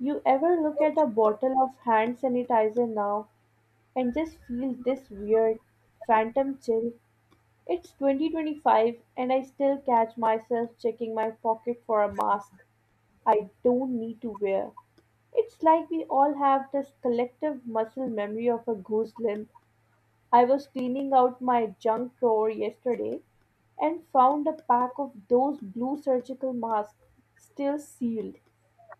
You ever look at a bottle of hand sanitizer now and just feel this weird phantom chill? It's 2025 and I still catch myself checking my pocket for a mask I don't need to wear. It's like we all have this collective muscle memory of a goose limb. I was cleaning out my junk drawer yesterday and found a pack of those blue surgical masks still sealed.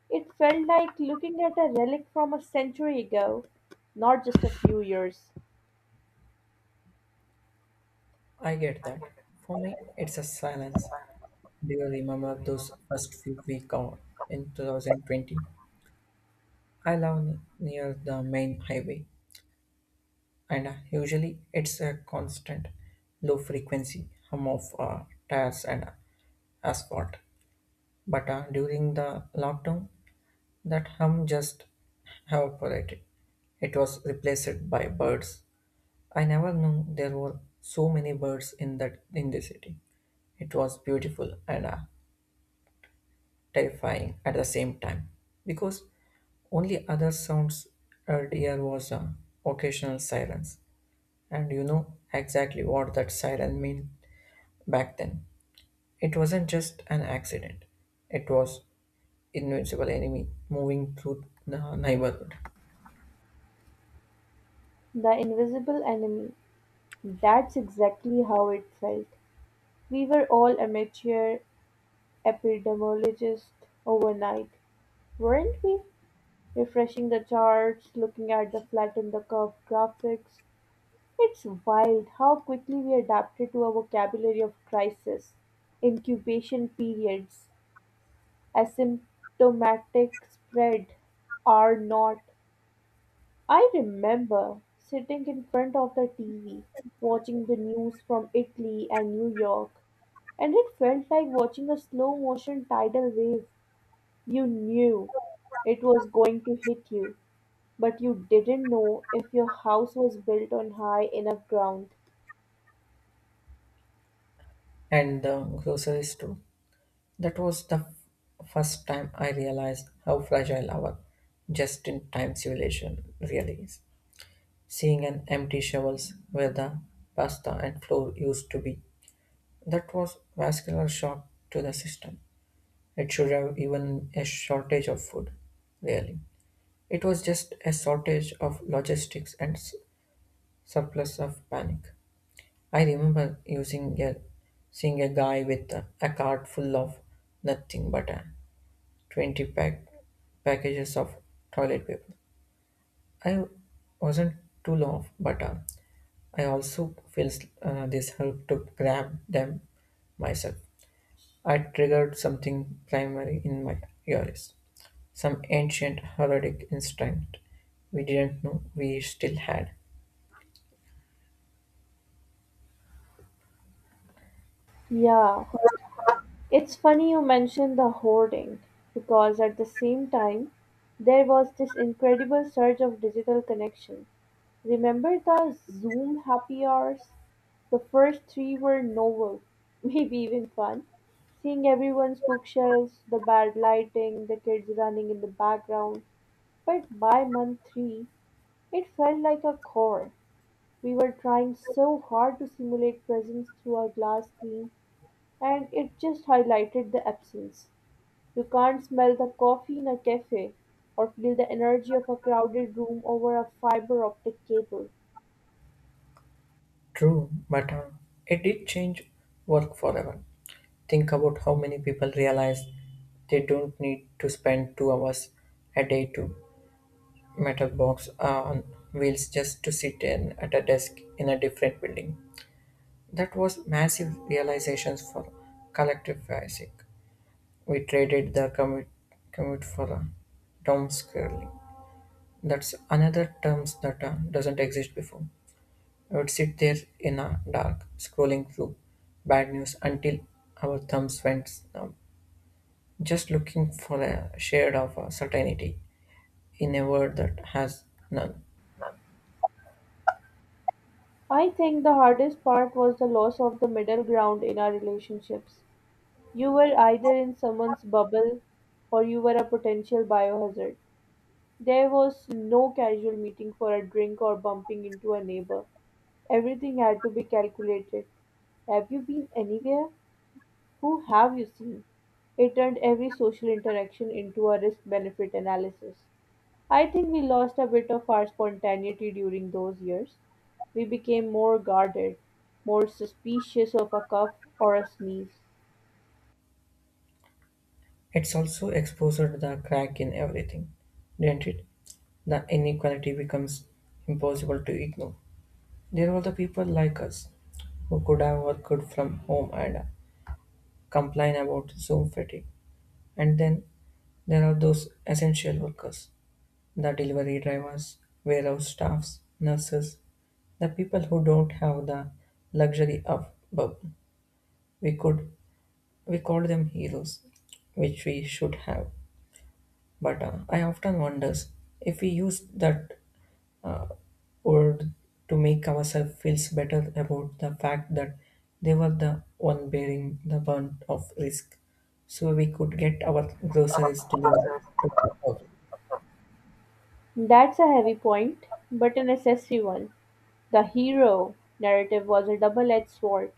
It felt like looking at a relic from a century ago, not just a few years. I get that. For me, it's a silence. Do you remember those first few weeks in 2020? I live near the main highway, and usually it's a constant low frequency hum of tires and asphalt. But during the lockdown, that hum just evaporated. It was replaced by birds. I never knew there were so many birds in that in the city. It was beautiful and terrifying at the same time because only other sounds heard here was a occasional sirens, and you know exactly what that siren meant back then. It wasn't just an accident, it was invincible enemy moving through the neighborhood. The invisible enemy. That's exactly how it felt. We were all amateur epidemiologists overnight, weren't we? Refreshing the charts, looking at the flat and the curve graphics. It's wild how quickly we adapted to a vocabulary of crisis, incubation periods, asymptomatic spread, are not. I remember sitting in front of the TV, watching the news from Italy and New York, and it felt like watching a slow motion tidal wave. You knew it was going to hit you, but you didn't know if your house was built on high enough ground. And the grocery store, that was the first time I realized how fragile our just-in-time civilization really is, seeing an empty shovels where the pasta and floor used to be. That was vascular shock to the system. It should have even a shortage of food, really. It was just a shortage of logistics and surplus of panic. I remember seeing a guy with a cart full of nothing but a 20 pack packages of toilet paper. I wasn't too long, but I also feels this help to grab them myself. I triggered something primary in my ears, some ancient heraldic instinct we didn't know we still had. Yeah, it's funny you mention the hoarding, because at the same time, there was this incredible surge of digital connection. Remember the Zoom happy hours? The first three were novel, maybe even fun. Seeing everyone's bookshelves, the bad lighting, the kids running in the background. But by month three, it felt like a chore. We were trying so hard to simulate presence through a glass screen and it just highlighted the absence. You can't smell the coffee in a cafe or feel the energy of a crowded room over a fiber optic cable. True, but it did change work forever. Think about how many people realize they don't need to spend 2 hours a day to metal box on wheels just to sit in at a desk in a different building. That was massive realizations for collective basic. We traded commute for a term scrolling. That's another term that doesn't exist before. I would sit there in a dark, scrolling through bad news until our thumbs went numb, just looking for a shade of certainty in a world that has none. I think the hardest part was the loss of the middle ground in our relationships. You were either in someone's bubble or you were a potential biohazard. There was no casual meeting for a drink or bumping into a neighbor. Everything had to be calculated. Have you been anywhere? Who have you seen? It turned every social interaction into a risk benefit analysis. I think we lost a bit of our spontaneity during those years. We became more guarded, more suspicious of a cough or a sneeze. It's also exposed the crack in everything, didn't it? The inequality becomes impossible to ignore. There were the people like us who could have worked from home and complain about Zoom fatigue. And then there are those essential workers, the delivery drivers, warehouse staffs, nurses, the people who don't have the luxury of bubble. We could we call them heroes, which we should have. But I often wonders if we use that, or to make ourselves feel better about the fact that they were the one bearing the brunt of risk so we could get our groceries delivered to our house. That's a heavy point, but a necessary one. The hero narrative was a double edged sword.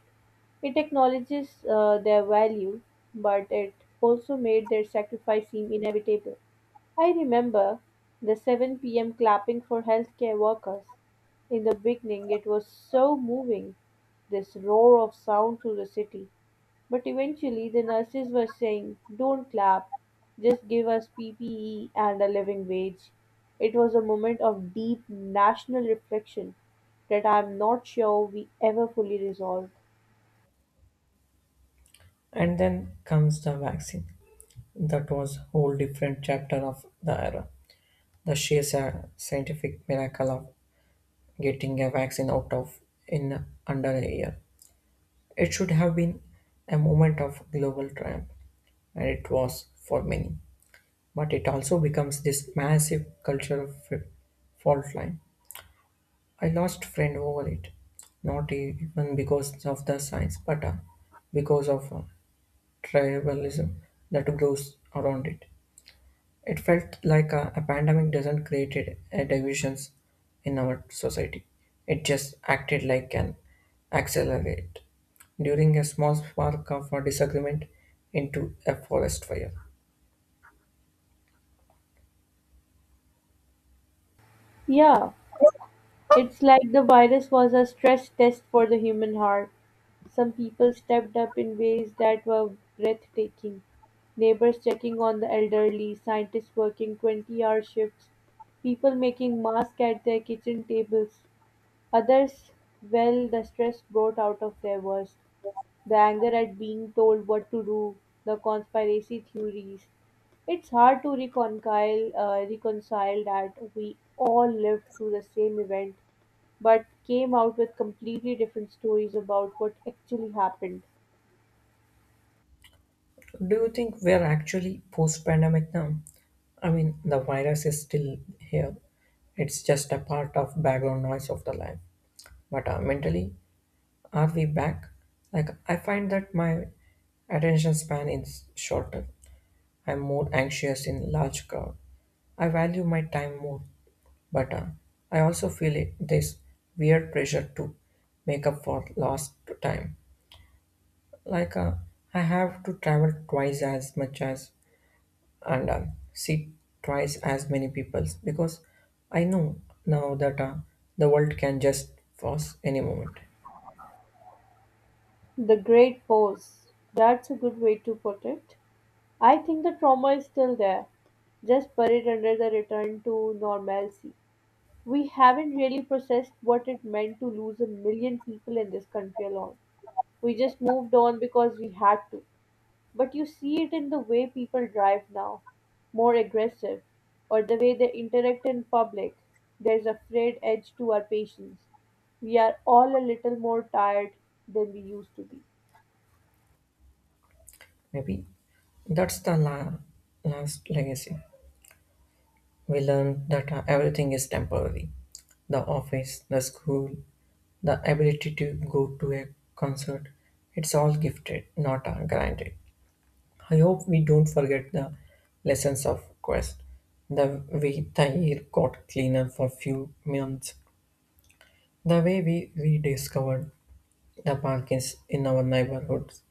It acknowledges their value, but it also made their sacrifice seem inevitable. I remember the 7 p.m. clapping for healthcare workers. In the beginning, it was so moving, this roar of sound through the city. But eventually the nurses were saying, "Don't clap, just give us PPE and a living wage." It was a moment of deep national reflection that I am not sure we ever fully resolved. And then comes the vaccine. That was whole different chapter of the era. The sheer scientific miracle of getting a vaccine out of in under a year. It should have been a moment of global triumph, and it was for many. But it also becomes this massive cultural fault line. I lost friend over it, not even because of the science, but because of tribalism that grows around it. It felt like a pandemic doesn't create a divisions in our society. It just acted like an accelerate during a small spark of a disagreement into a forest fire. Yeah, it's like the virus was a stress test for the human heart. Some people stepped up in ways that were breathtaking. Neighbors checking on the elderly, scientists working 20-hour shifts, people making masks at their kitchen tables. Others, well, the stress brought out of their worst, the anger at being told what to do, the conspiracy theories. It's hard to reconcile that we all lived through the same event but came out with completely different stories about what actually happened. Do you think we are actually post pandemic now? I mean, the virus is still here. It's just a part of background noise of the life. But mentally, are we back? Like, I find that my attention span is shorter. I'm more anxious in large crowd. I value my time more. But I also feel it, this weird pressure to make up for lost time. Like, uh, I have to travel twice as much as and see twice as many people because I know now that the world can just pause any moment. The Great Pause. That's a good way to put it. I think the trauma is still there, just buried under the return to normalcy. We haven't really processed what it meant to lose a million people in this country alone. We just moved on because we had to. But you see it in the way people drive now, more aggressive, or the way they interact in public. There's a frayed edge to our patience. We are all a little more tired than we used to be. Maybe that's the last legacy. We learned that everything is temporary, the office, the school, the ability to go to a concert. It's all gifted, not granted. I hope we don't forget the lessons of Quest. The way the air got cleaner for few months, the way we rediscovered the pumpkins in our neighborhoods,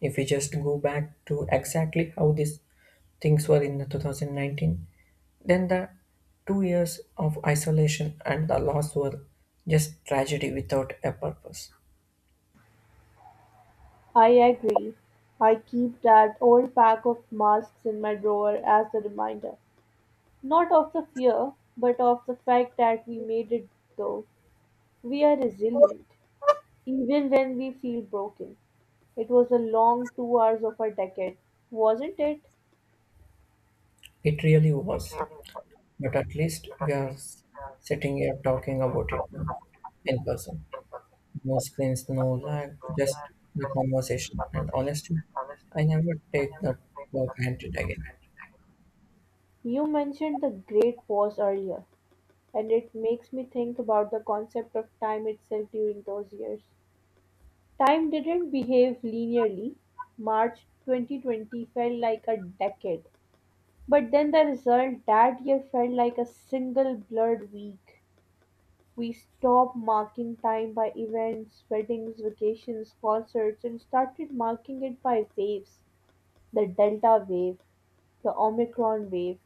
if we just go back to exactly how these things were in the 2019, then the 2 years of isolation and the loss were just tragedy without a purpose. I agree. I keep that old pack of masks in my drawer as a reminder. Not of the fear, but of the fact that we made it though. We are resilient, even when we feel broken. It was a long 2 hours of a decade, wasn't it? It really was. But at least we are sitting here talking about it now in person. No screens, no lag, just the conversation. And honestly, I never take that for granted again. You mentioned the great pause earlier, and it makes me think about the concept of time itself during those years. Time didn't behave linearly. March 2020 felt like a decade, but then the result that year felt like a single blurred week. We stopped marking time by events, weddings, vacations, concerts, and started marking it by waves the Delta wave, the Omicron wave.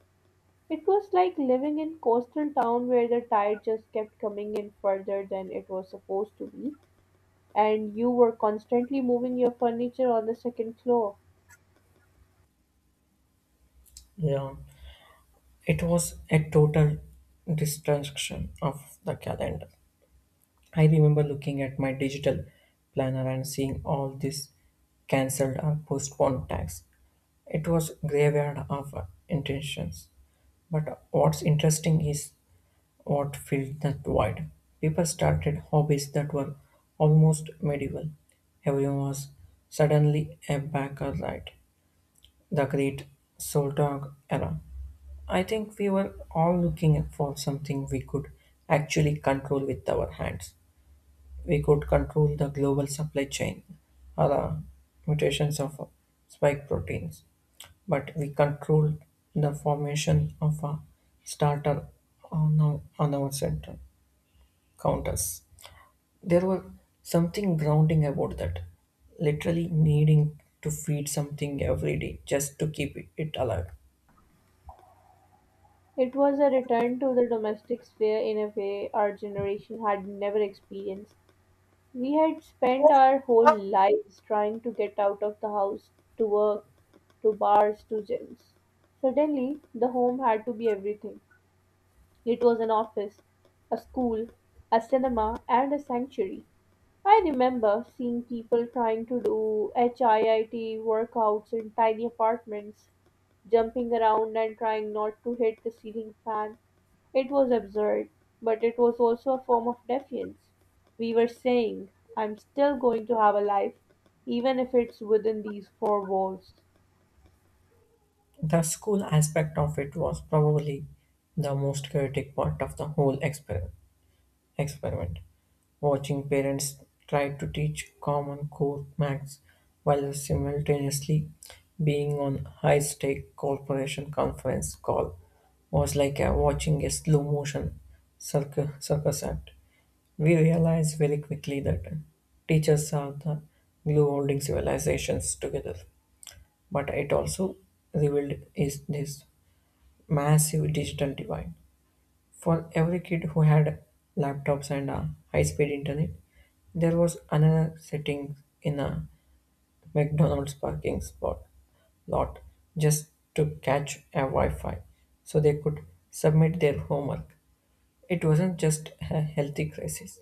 It was like living in coastal town where the tide just kept coming in further than it was supposed to be, and you were constantly moving your furniture on the second floor. Yeah. It was a total destruction of the calendar. I remember looking at my digital planner and seeing all these cancelled or postponed tags. It was graveyard of intentions. But what's interesting is what filled that void. People started hobbies that were almost medieval. Everyone was suddenly a backer right. The great Soul Dog era. I think we were all looking for something we could actually control with our hands. We could control the global supply chain or the mutations of spike proteins, but we controlled the formation of a starter on our center counters. There was something grounding about that, literally needing to feed something every day just to keep it alive. It was a return to the domestic sphere in a way our generation had never experienced. We had spent our whole lives trying to get out of the house, to work, to bars, to gyms. Suddenly, the home had to be everything. It was an office, a school, a cinema, and a sanctuary. I remember seeing people trying to do HIIT workouts in tiny apartments, jumping around and trying not to hit the ceiling fan. It was absurd, but it was also a form of defiance. We were saying, I'm still going to have a life, even if it's within these four walls. The school aspect of it was probably the most chaotic part of the whole experiment. Watching parents try to teach common core maths while simultaneously being on high stake corporation conference call was like watching a slow motion circus act. We realized very quickly that teachers are the glue holding civilizations together, but it also revealed is this massive digital divide. For every kid who had laptops and a high-speed internet, there was another sitting in a McDonald's parking spot lot just to catch a Wi-Fi so they could submit their homework. It wasn't just a healthy crisis;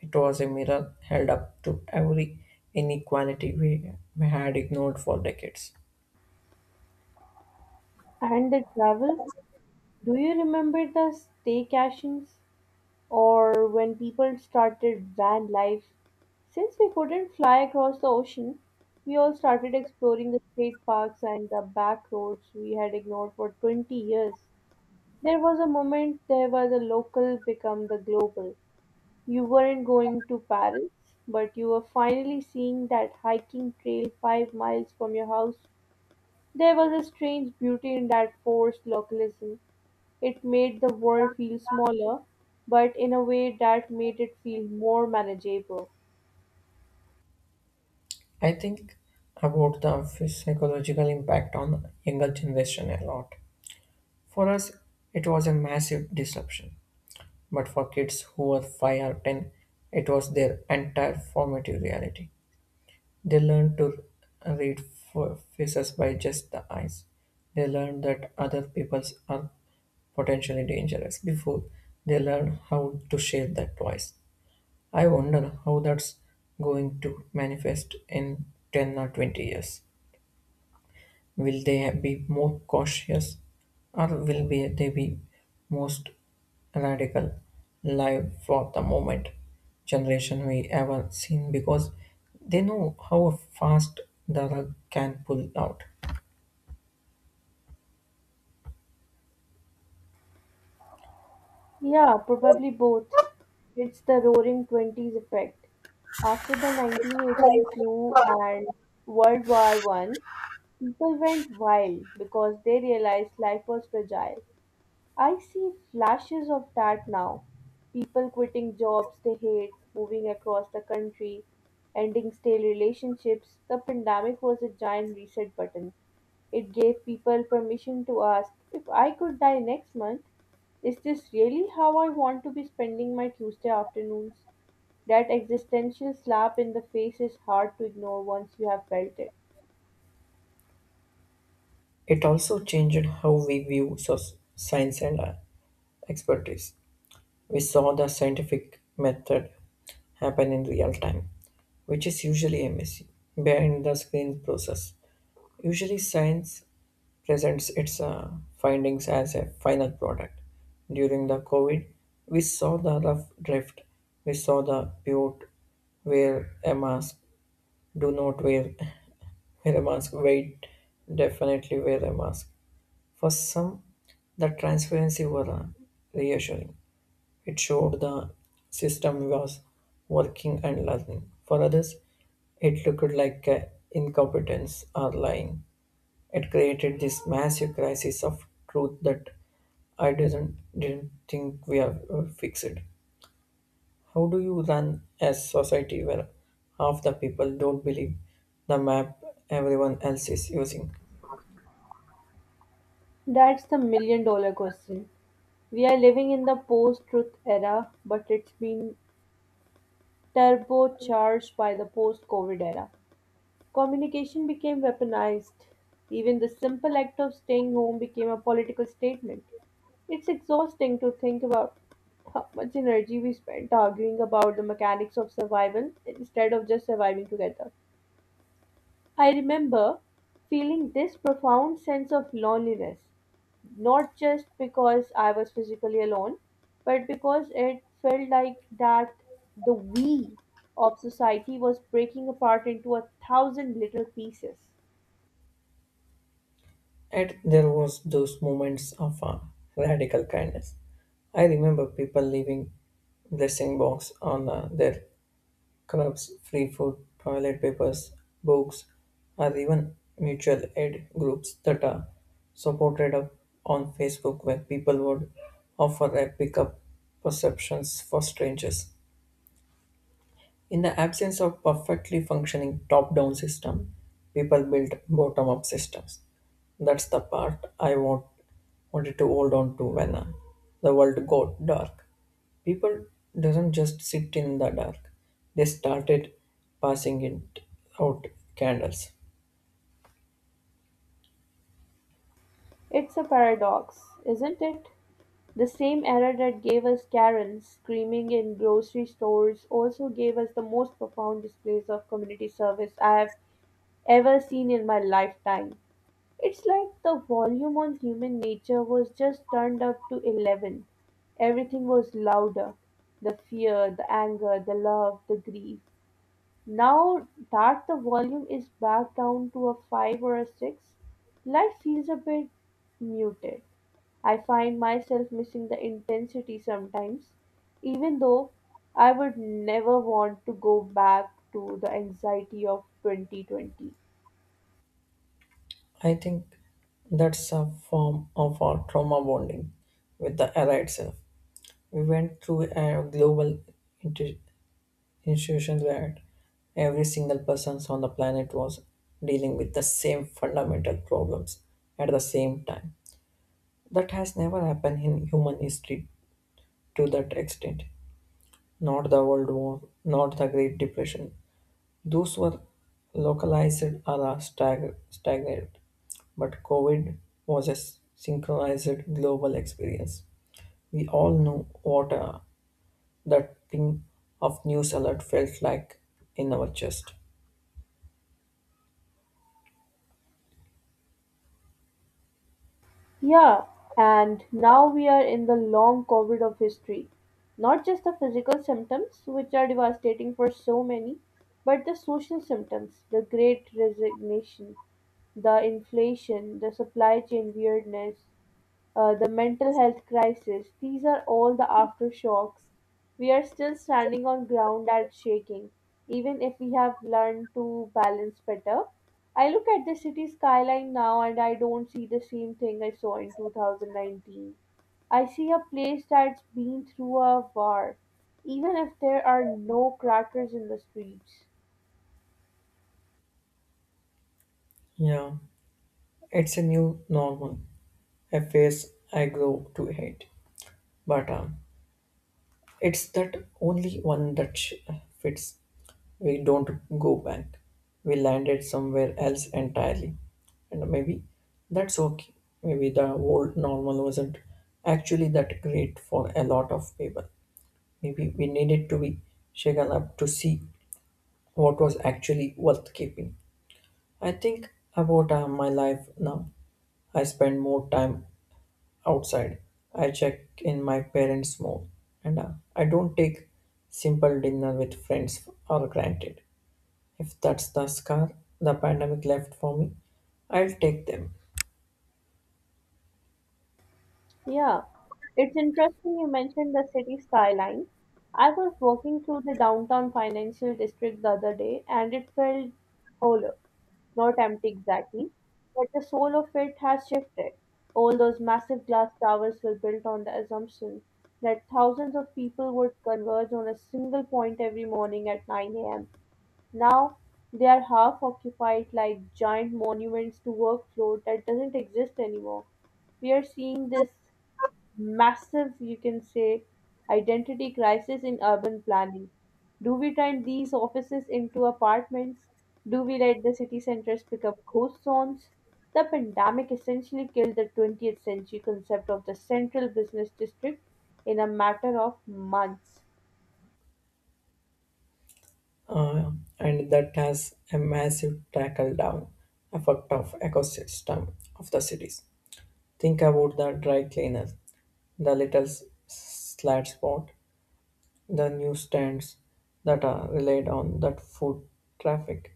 it was a mirror held up to every inequality we had ignored for decades. And the travel? Do you remember the staycations? Or when people started van life? Since we couldn't fly across the ocean, we all started exploring the state parks and the back roads we had ignored for 20 years. There was a moment there where the local became the global. You weren't going to Paris, but you were finally seeing that hiking trail 5 miles from your house. There was a strange beauty in that forced localism. It made the world feel smaller, but in a way that made it feel more manageable. I think about the psychological impact on younger generation a lot. For us, it was a massive disruption, but for kids who were five or ten, it was their entire formative reality. They learned to read faces by just the eyes. They learned that other people's are potentially dangerous before they learn how to share that voice. I wonder how that's going to manifest in 10 or 20 years. Will they be more cautious, or will they be most radical, live for the moment generation we ever seen because they know how fast the rug can pull out? Yeah, probably both. It's the roaring 20s effect. After the 1918 flu and World War I, people went wild because they realized life was fragile. I see flashes of that now. People quitting jobs they hate, moving across the country, ending stale relationships. The pandemic was a giant reset button. It gave people permission to ask, if I could die next month, is this really how I want to be spending my Tuesday afternoons? That existential slap in the face is hard to ignore once you have felt it. It also changed how we view science and expertise. We saw the scientific method happen in real time, which is usually a messy behind the screen process. Usually, science presents its findings as a final product. During the COVID, we saw the rough drift. We saw the pure wear a mask, do not wear, wear a mask, wait, definitely wear a mask. For some, the transparency was reassuring. It showed the system was working and learning. For others, it looked like incompetence or lying. It created this massive crisis of truth that I didn't think we have fixed. How do you run a society where half the people don't believe the map everyone else is using? That's the million dollar question. We're living in the post truth era, but it's been turbocharged by the post COVID era. Communication became weaponized. Even the simple act of staying home became a political statement. It's exhausting to think about how much energy we spent arguing about the mechanics of survival instead of just surviving together. I remember feeling this profound sense of loneliness. Not just because I was physically alone, but because it felt like that the we of society was breaking apart into a thousand little pieces. And there was those moments of radical kindness. I remember people leaving blessing box on their Clubs, free food, toilet papers, books, or even mutual aid groups that are supported up on Facebook where people would offer a pickup perceptions for strangers. In the absence of perfectly functioning top-down system, people build bottom-up systems. That's the part I want wanted to hold on to when the world got dark. People doesn't just sit in the dark; they started passing it out candles. It's a paradox, isn't it? The same error that gave us Karen screaming in grocery stores also gave us the most profound displays of community service I have ever seen in my lifetime. It's like the volume on human nature was just turned up to 11. Everything was louder. The fear, the anger, the love, the grief. Now that the volume is back down to a five or a six, life feels a bit muted. I find myself missing the intensity sometimes, even though I would never want to go back to the anxiety of 2020. I think that's a form of our trauma bonding with the era itself. We went through a global inter- institutions where every single person on the planet was dealing with the same fundamental problems at the same time. That has never happened in human history to that extent. Not the World War, not the Great Depression. Those were localized or are stagnated, but COVID was a synchronized global experience. We all know what that thing of news alert felt like in our chest. Yeah, and now we are in the long COVID of history. Not just the physical symptoms, which are devastating for so many, but the social symptoms, the great resignation, the inflation, the supply chain weirdness the mental health crisis, these are all the aftershocks. We are still standing on ground that's shaking, even if we have learned to balance better. I look at the city skyline now and I don't see the same thing I saw in 2019. I see a place that's been through a war, even if there are no crackers in the streets. Yeah. It's a new normal, a phase I grow to hate. But it's that only one that fits. We don't go back. We landed somewhere else entirely. And maybe that's okay. Maybe the old normal wasn't actually that great for a lot of people. Maybe we needed to be shaken up to see what was actually worth keeping. I think about my life now. I spend more time outside. I check in my parents more, and I don't take simple dinner with friends or granted. If that's the scar the pandemic left for me, I'll take them. Yeah, it's interesting you mentioned the city skyline. I was walking through the downtown financial district the other day and it felt hollow, not empty exactly, but the soul of it has shifted. All those massive glass towers were built on the assumption that thousands of people would converge on a single point every morning at 9 a.m. Now they are half occupied like giant monuments to workflow that doesn't exist anymore. We are seeing this massive, you can say, identity crisis in urban planning. Do we turn these offices into apartments? Do we let the city centers become ghost zones? The pandemic essentially killed the 20th century concept of the central business district in a matter of months. Uh, and that has a massive tackle down effect of ecosystem of the cities. Think about the dry cleaner, the little slat spot, the newsstands that are relied on that food traffic.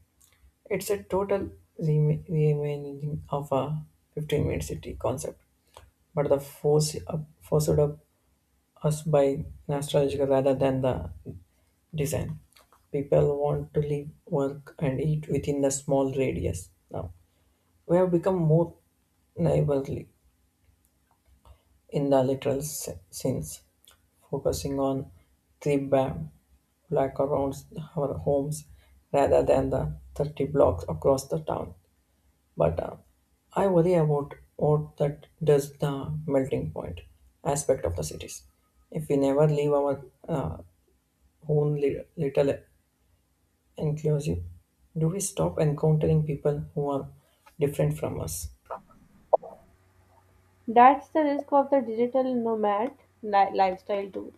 It's a total reimagining of a 15-minute city concept, but forced up us by nostalgia rather than the design. People want to live, work, and eat within the small radius now. We have become more neighborly in the literal sense, focusing on three bam block around our homes rather than the 30 blocks across the town. But I worry about what that does the melting point aspect of the cities. If we never leave our own little enclosure, do we stop encountering people who are different from us? That's the risk of the digital nomad lifestyle, too.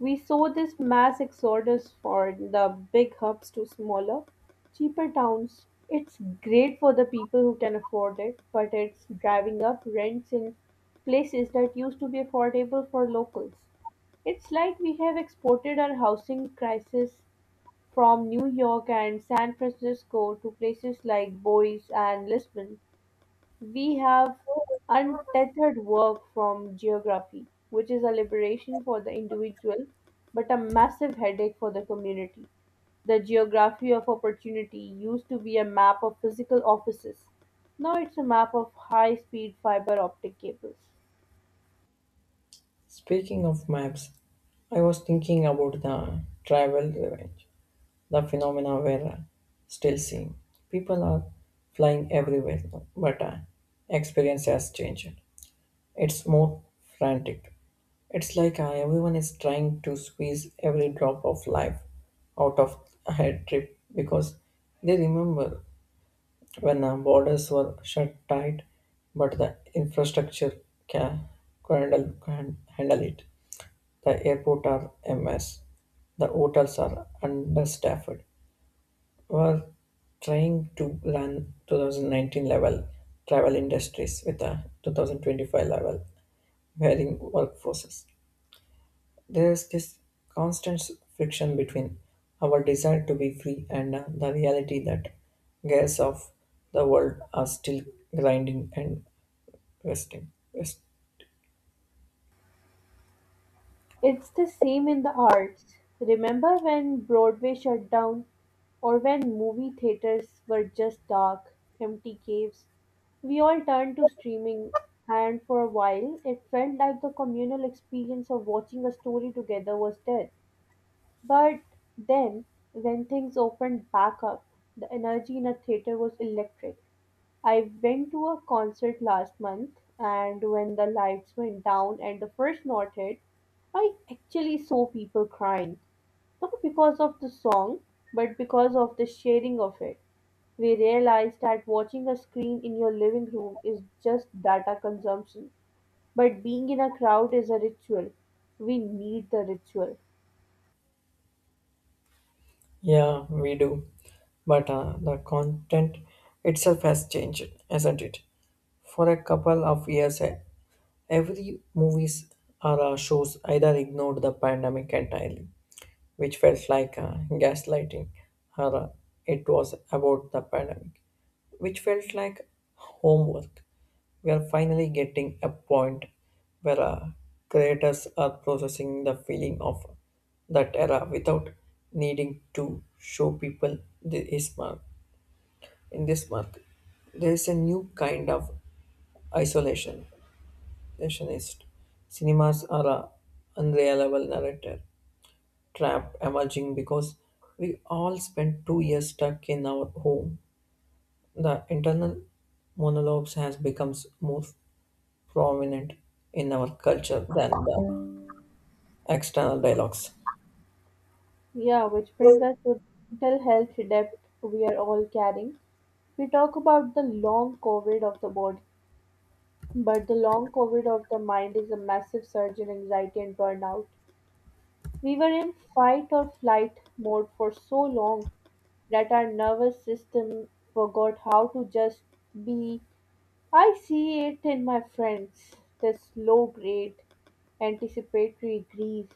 We saw this mass exodus from the big hubs to smaller, cheaper towns. It's great for the people who can afford it, but it's driving up rents in places that used to be affordable for locals. It's like we have exported our housing crisis from New York and San Francisco to places like Boise and Lisbon. We have untethered work from geography, which is a liberation for the individual but a massive headache for the community. The geography of opportunity used to be a map of physical offices. Now it's a map of high speed fiber optic cables. Speaking of maps, I was thinking about the travel revenge, the phenomena we're still seeing. People are flying everywhere, now, but experience has changed. It's more frantic. It's like everyone is trying to squeeze every drop of life out of a head trip because they remember when borders were shut tight, but the infrastructure can can handle it. The airport are a mess. The hotels are understaffed. We're trying to run 2019 level travel industries with a 2025 level varying workforces. There is this constant friction between our desire to be free and the reality that gears of the world are still grinding and resting. Yes. It's the same in the arts. Remember when Broadway shut down, or when movie theaters were just dark, empty caves? We all turned to streaming, and for a while, it felt like the communal experience of watching a story together was dead. But then, when things opened back up, the energy in a theater was electric. I went to a concert last month, and when the lights went down and the first note hit, I actually saw people crying. Not because of the song, but because of the sharing of it. We realized that watching a screen in your living room is just data consumption, but being in a crowd is a ritual. We need the ritual. Yeah, we do. But the content itself has changed, hasn't it? For a couple of years, every movies or shows either ignored the pandemic entirely, which felt like gaslighting, or it was about the pandemic, which felt like homework. We are finally getting a point where creators are processing the feeling of that era without needing to show people this mark. In this mark, there is a new kind of isolation. isolationist. Cinemas are a unreliable narrator trap emerging because we all spent 2 years stuck in our home. The internal monologues has becomes more prominent in our culture than the external dialogues. Yeah, which brings us to the mental health debt we are all carrying. We talk about the long COVID of the body, but the long COVID of the mind is a massive surge in anxiety and burnout. We were in fight or flight mode for so long that our nervous system forgot how to just be. I see it in my friends, this low grade anticipatory grief,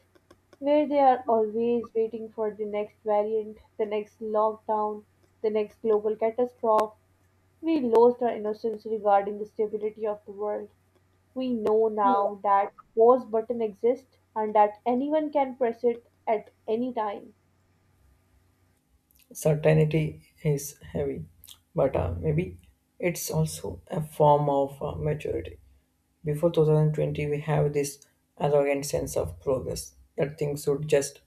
where they are always waiting for the next variant, the next lockdown, the next global catastrophe. We lost our innocence regarding the stability of the world. We know now that pause button exists and that anyone can press it at any time. Certainty is heavy, but maybe it's also a form of maturity. Before 2020, we have this arrogant sense of progress that things should just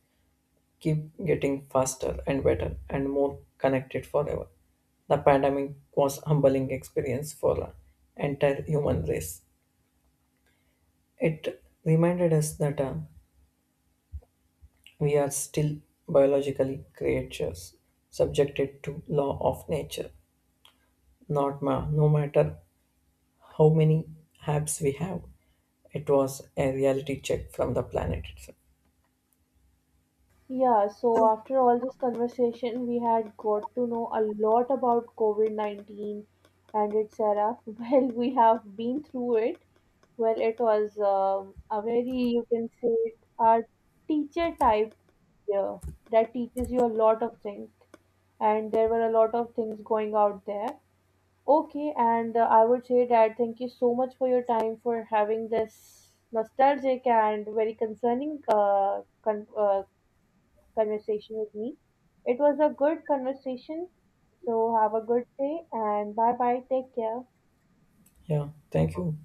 keep getting faster and better and more connected forever. The pandemic was a humbling experience for the entire human race. It reminded us that we are still biologically creatures, subjected to law of nature. Not ma- No matter how many apps we have, it was a reality check from the planet itself. Yeah, so after all this conversation, we had got to know a lot about COVID 19 and its era. Well, we have been through it. Well, it was a very, you can say, a teacher type year that teaches you a lot of things. And there were a lot of things going out there. Okay, and I would say that thank you so much for your time for having this nostalgic and very concerning conversation with me. It was a good conversation. So have a good day and bye bye. Take care. Yeah, thank you.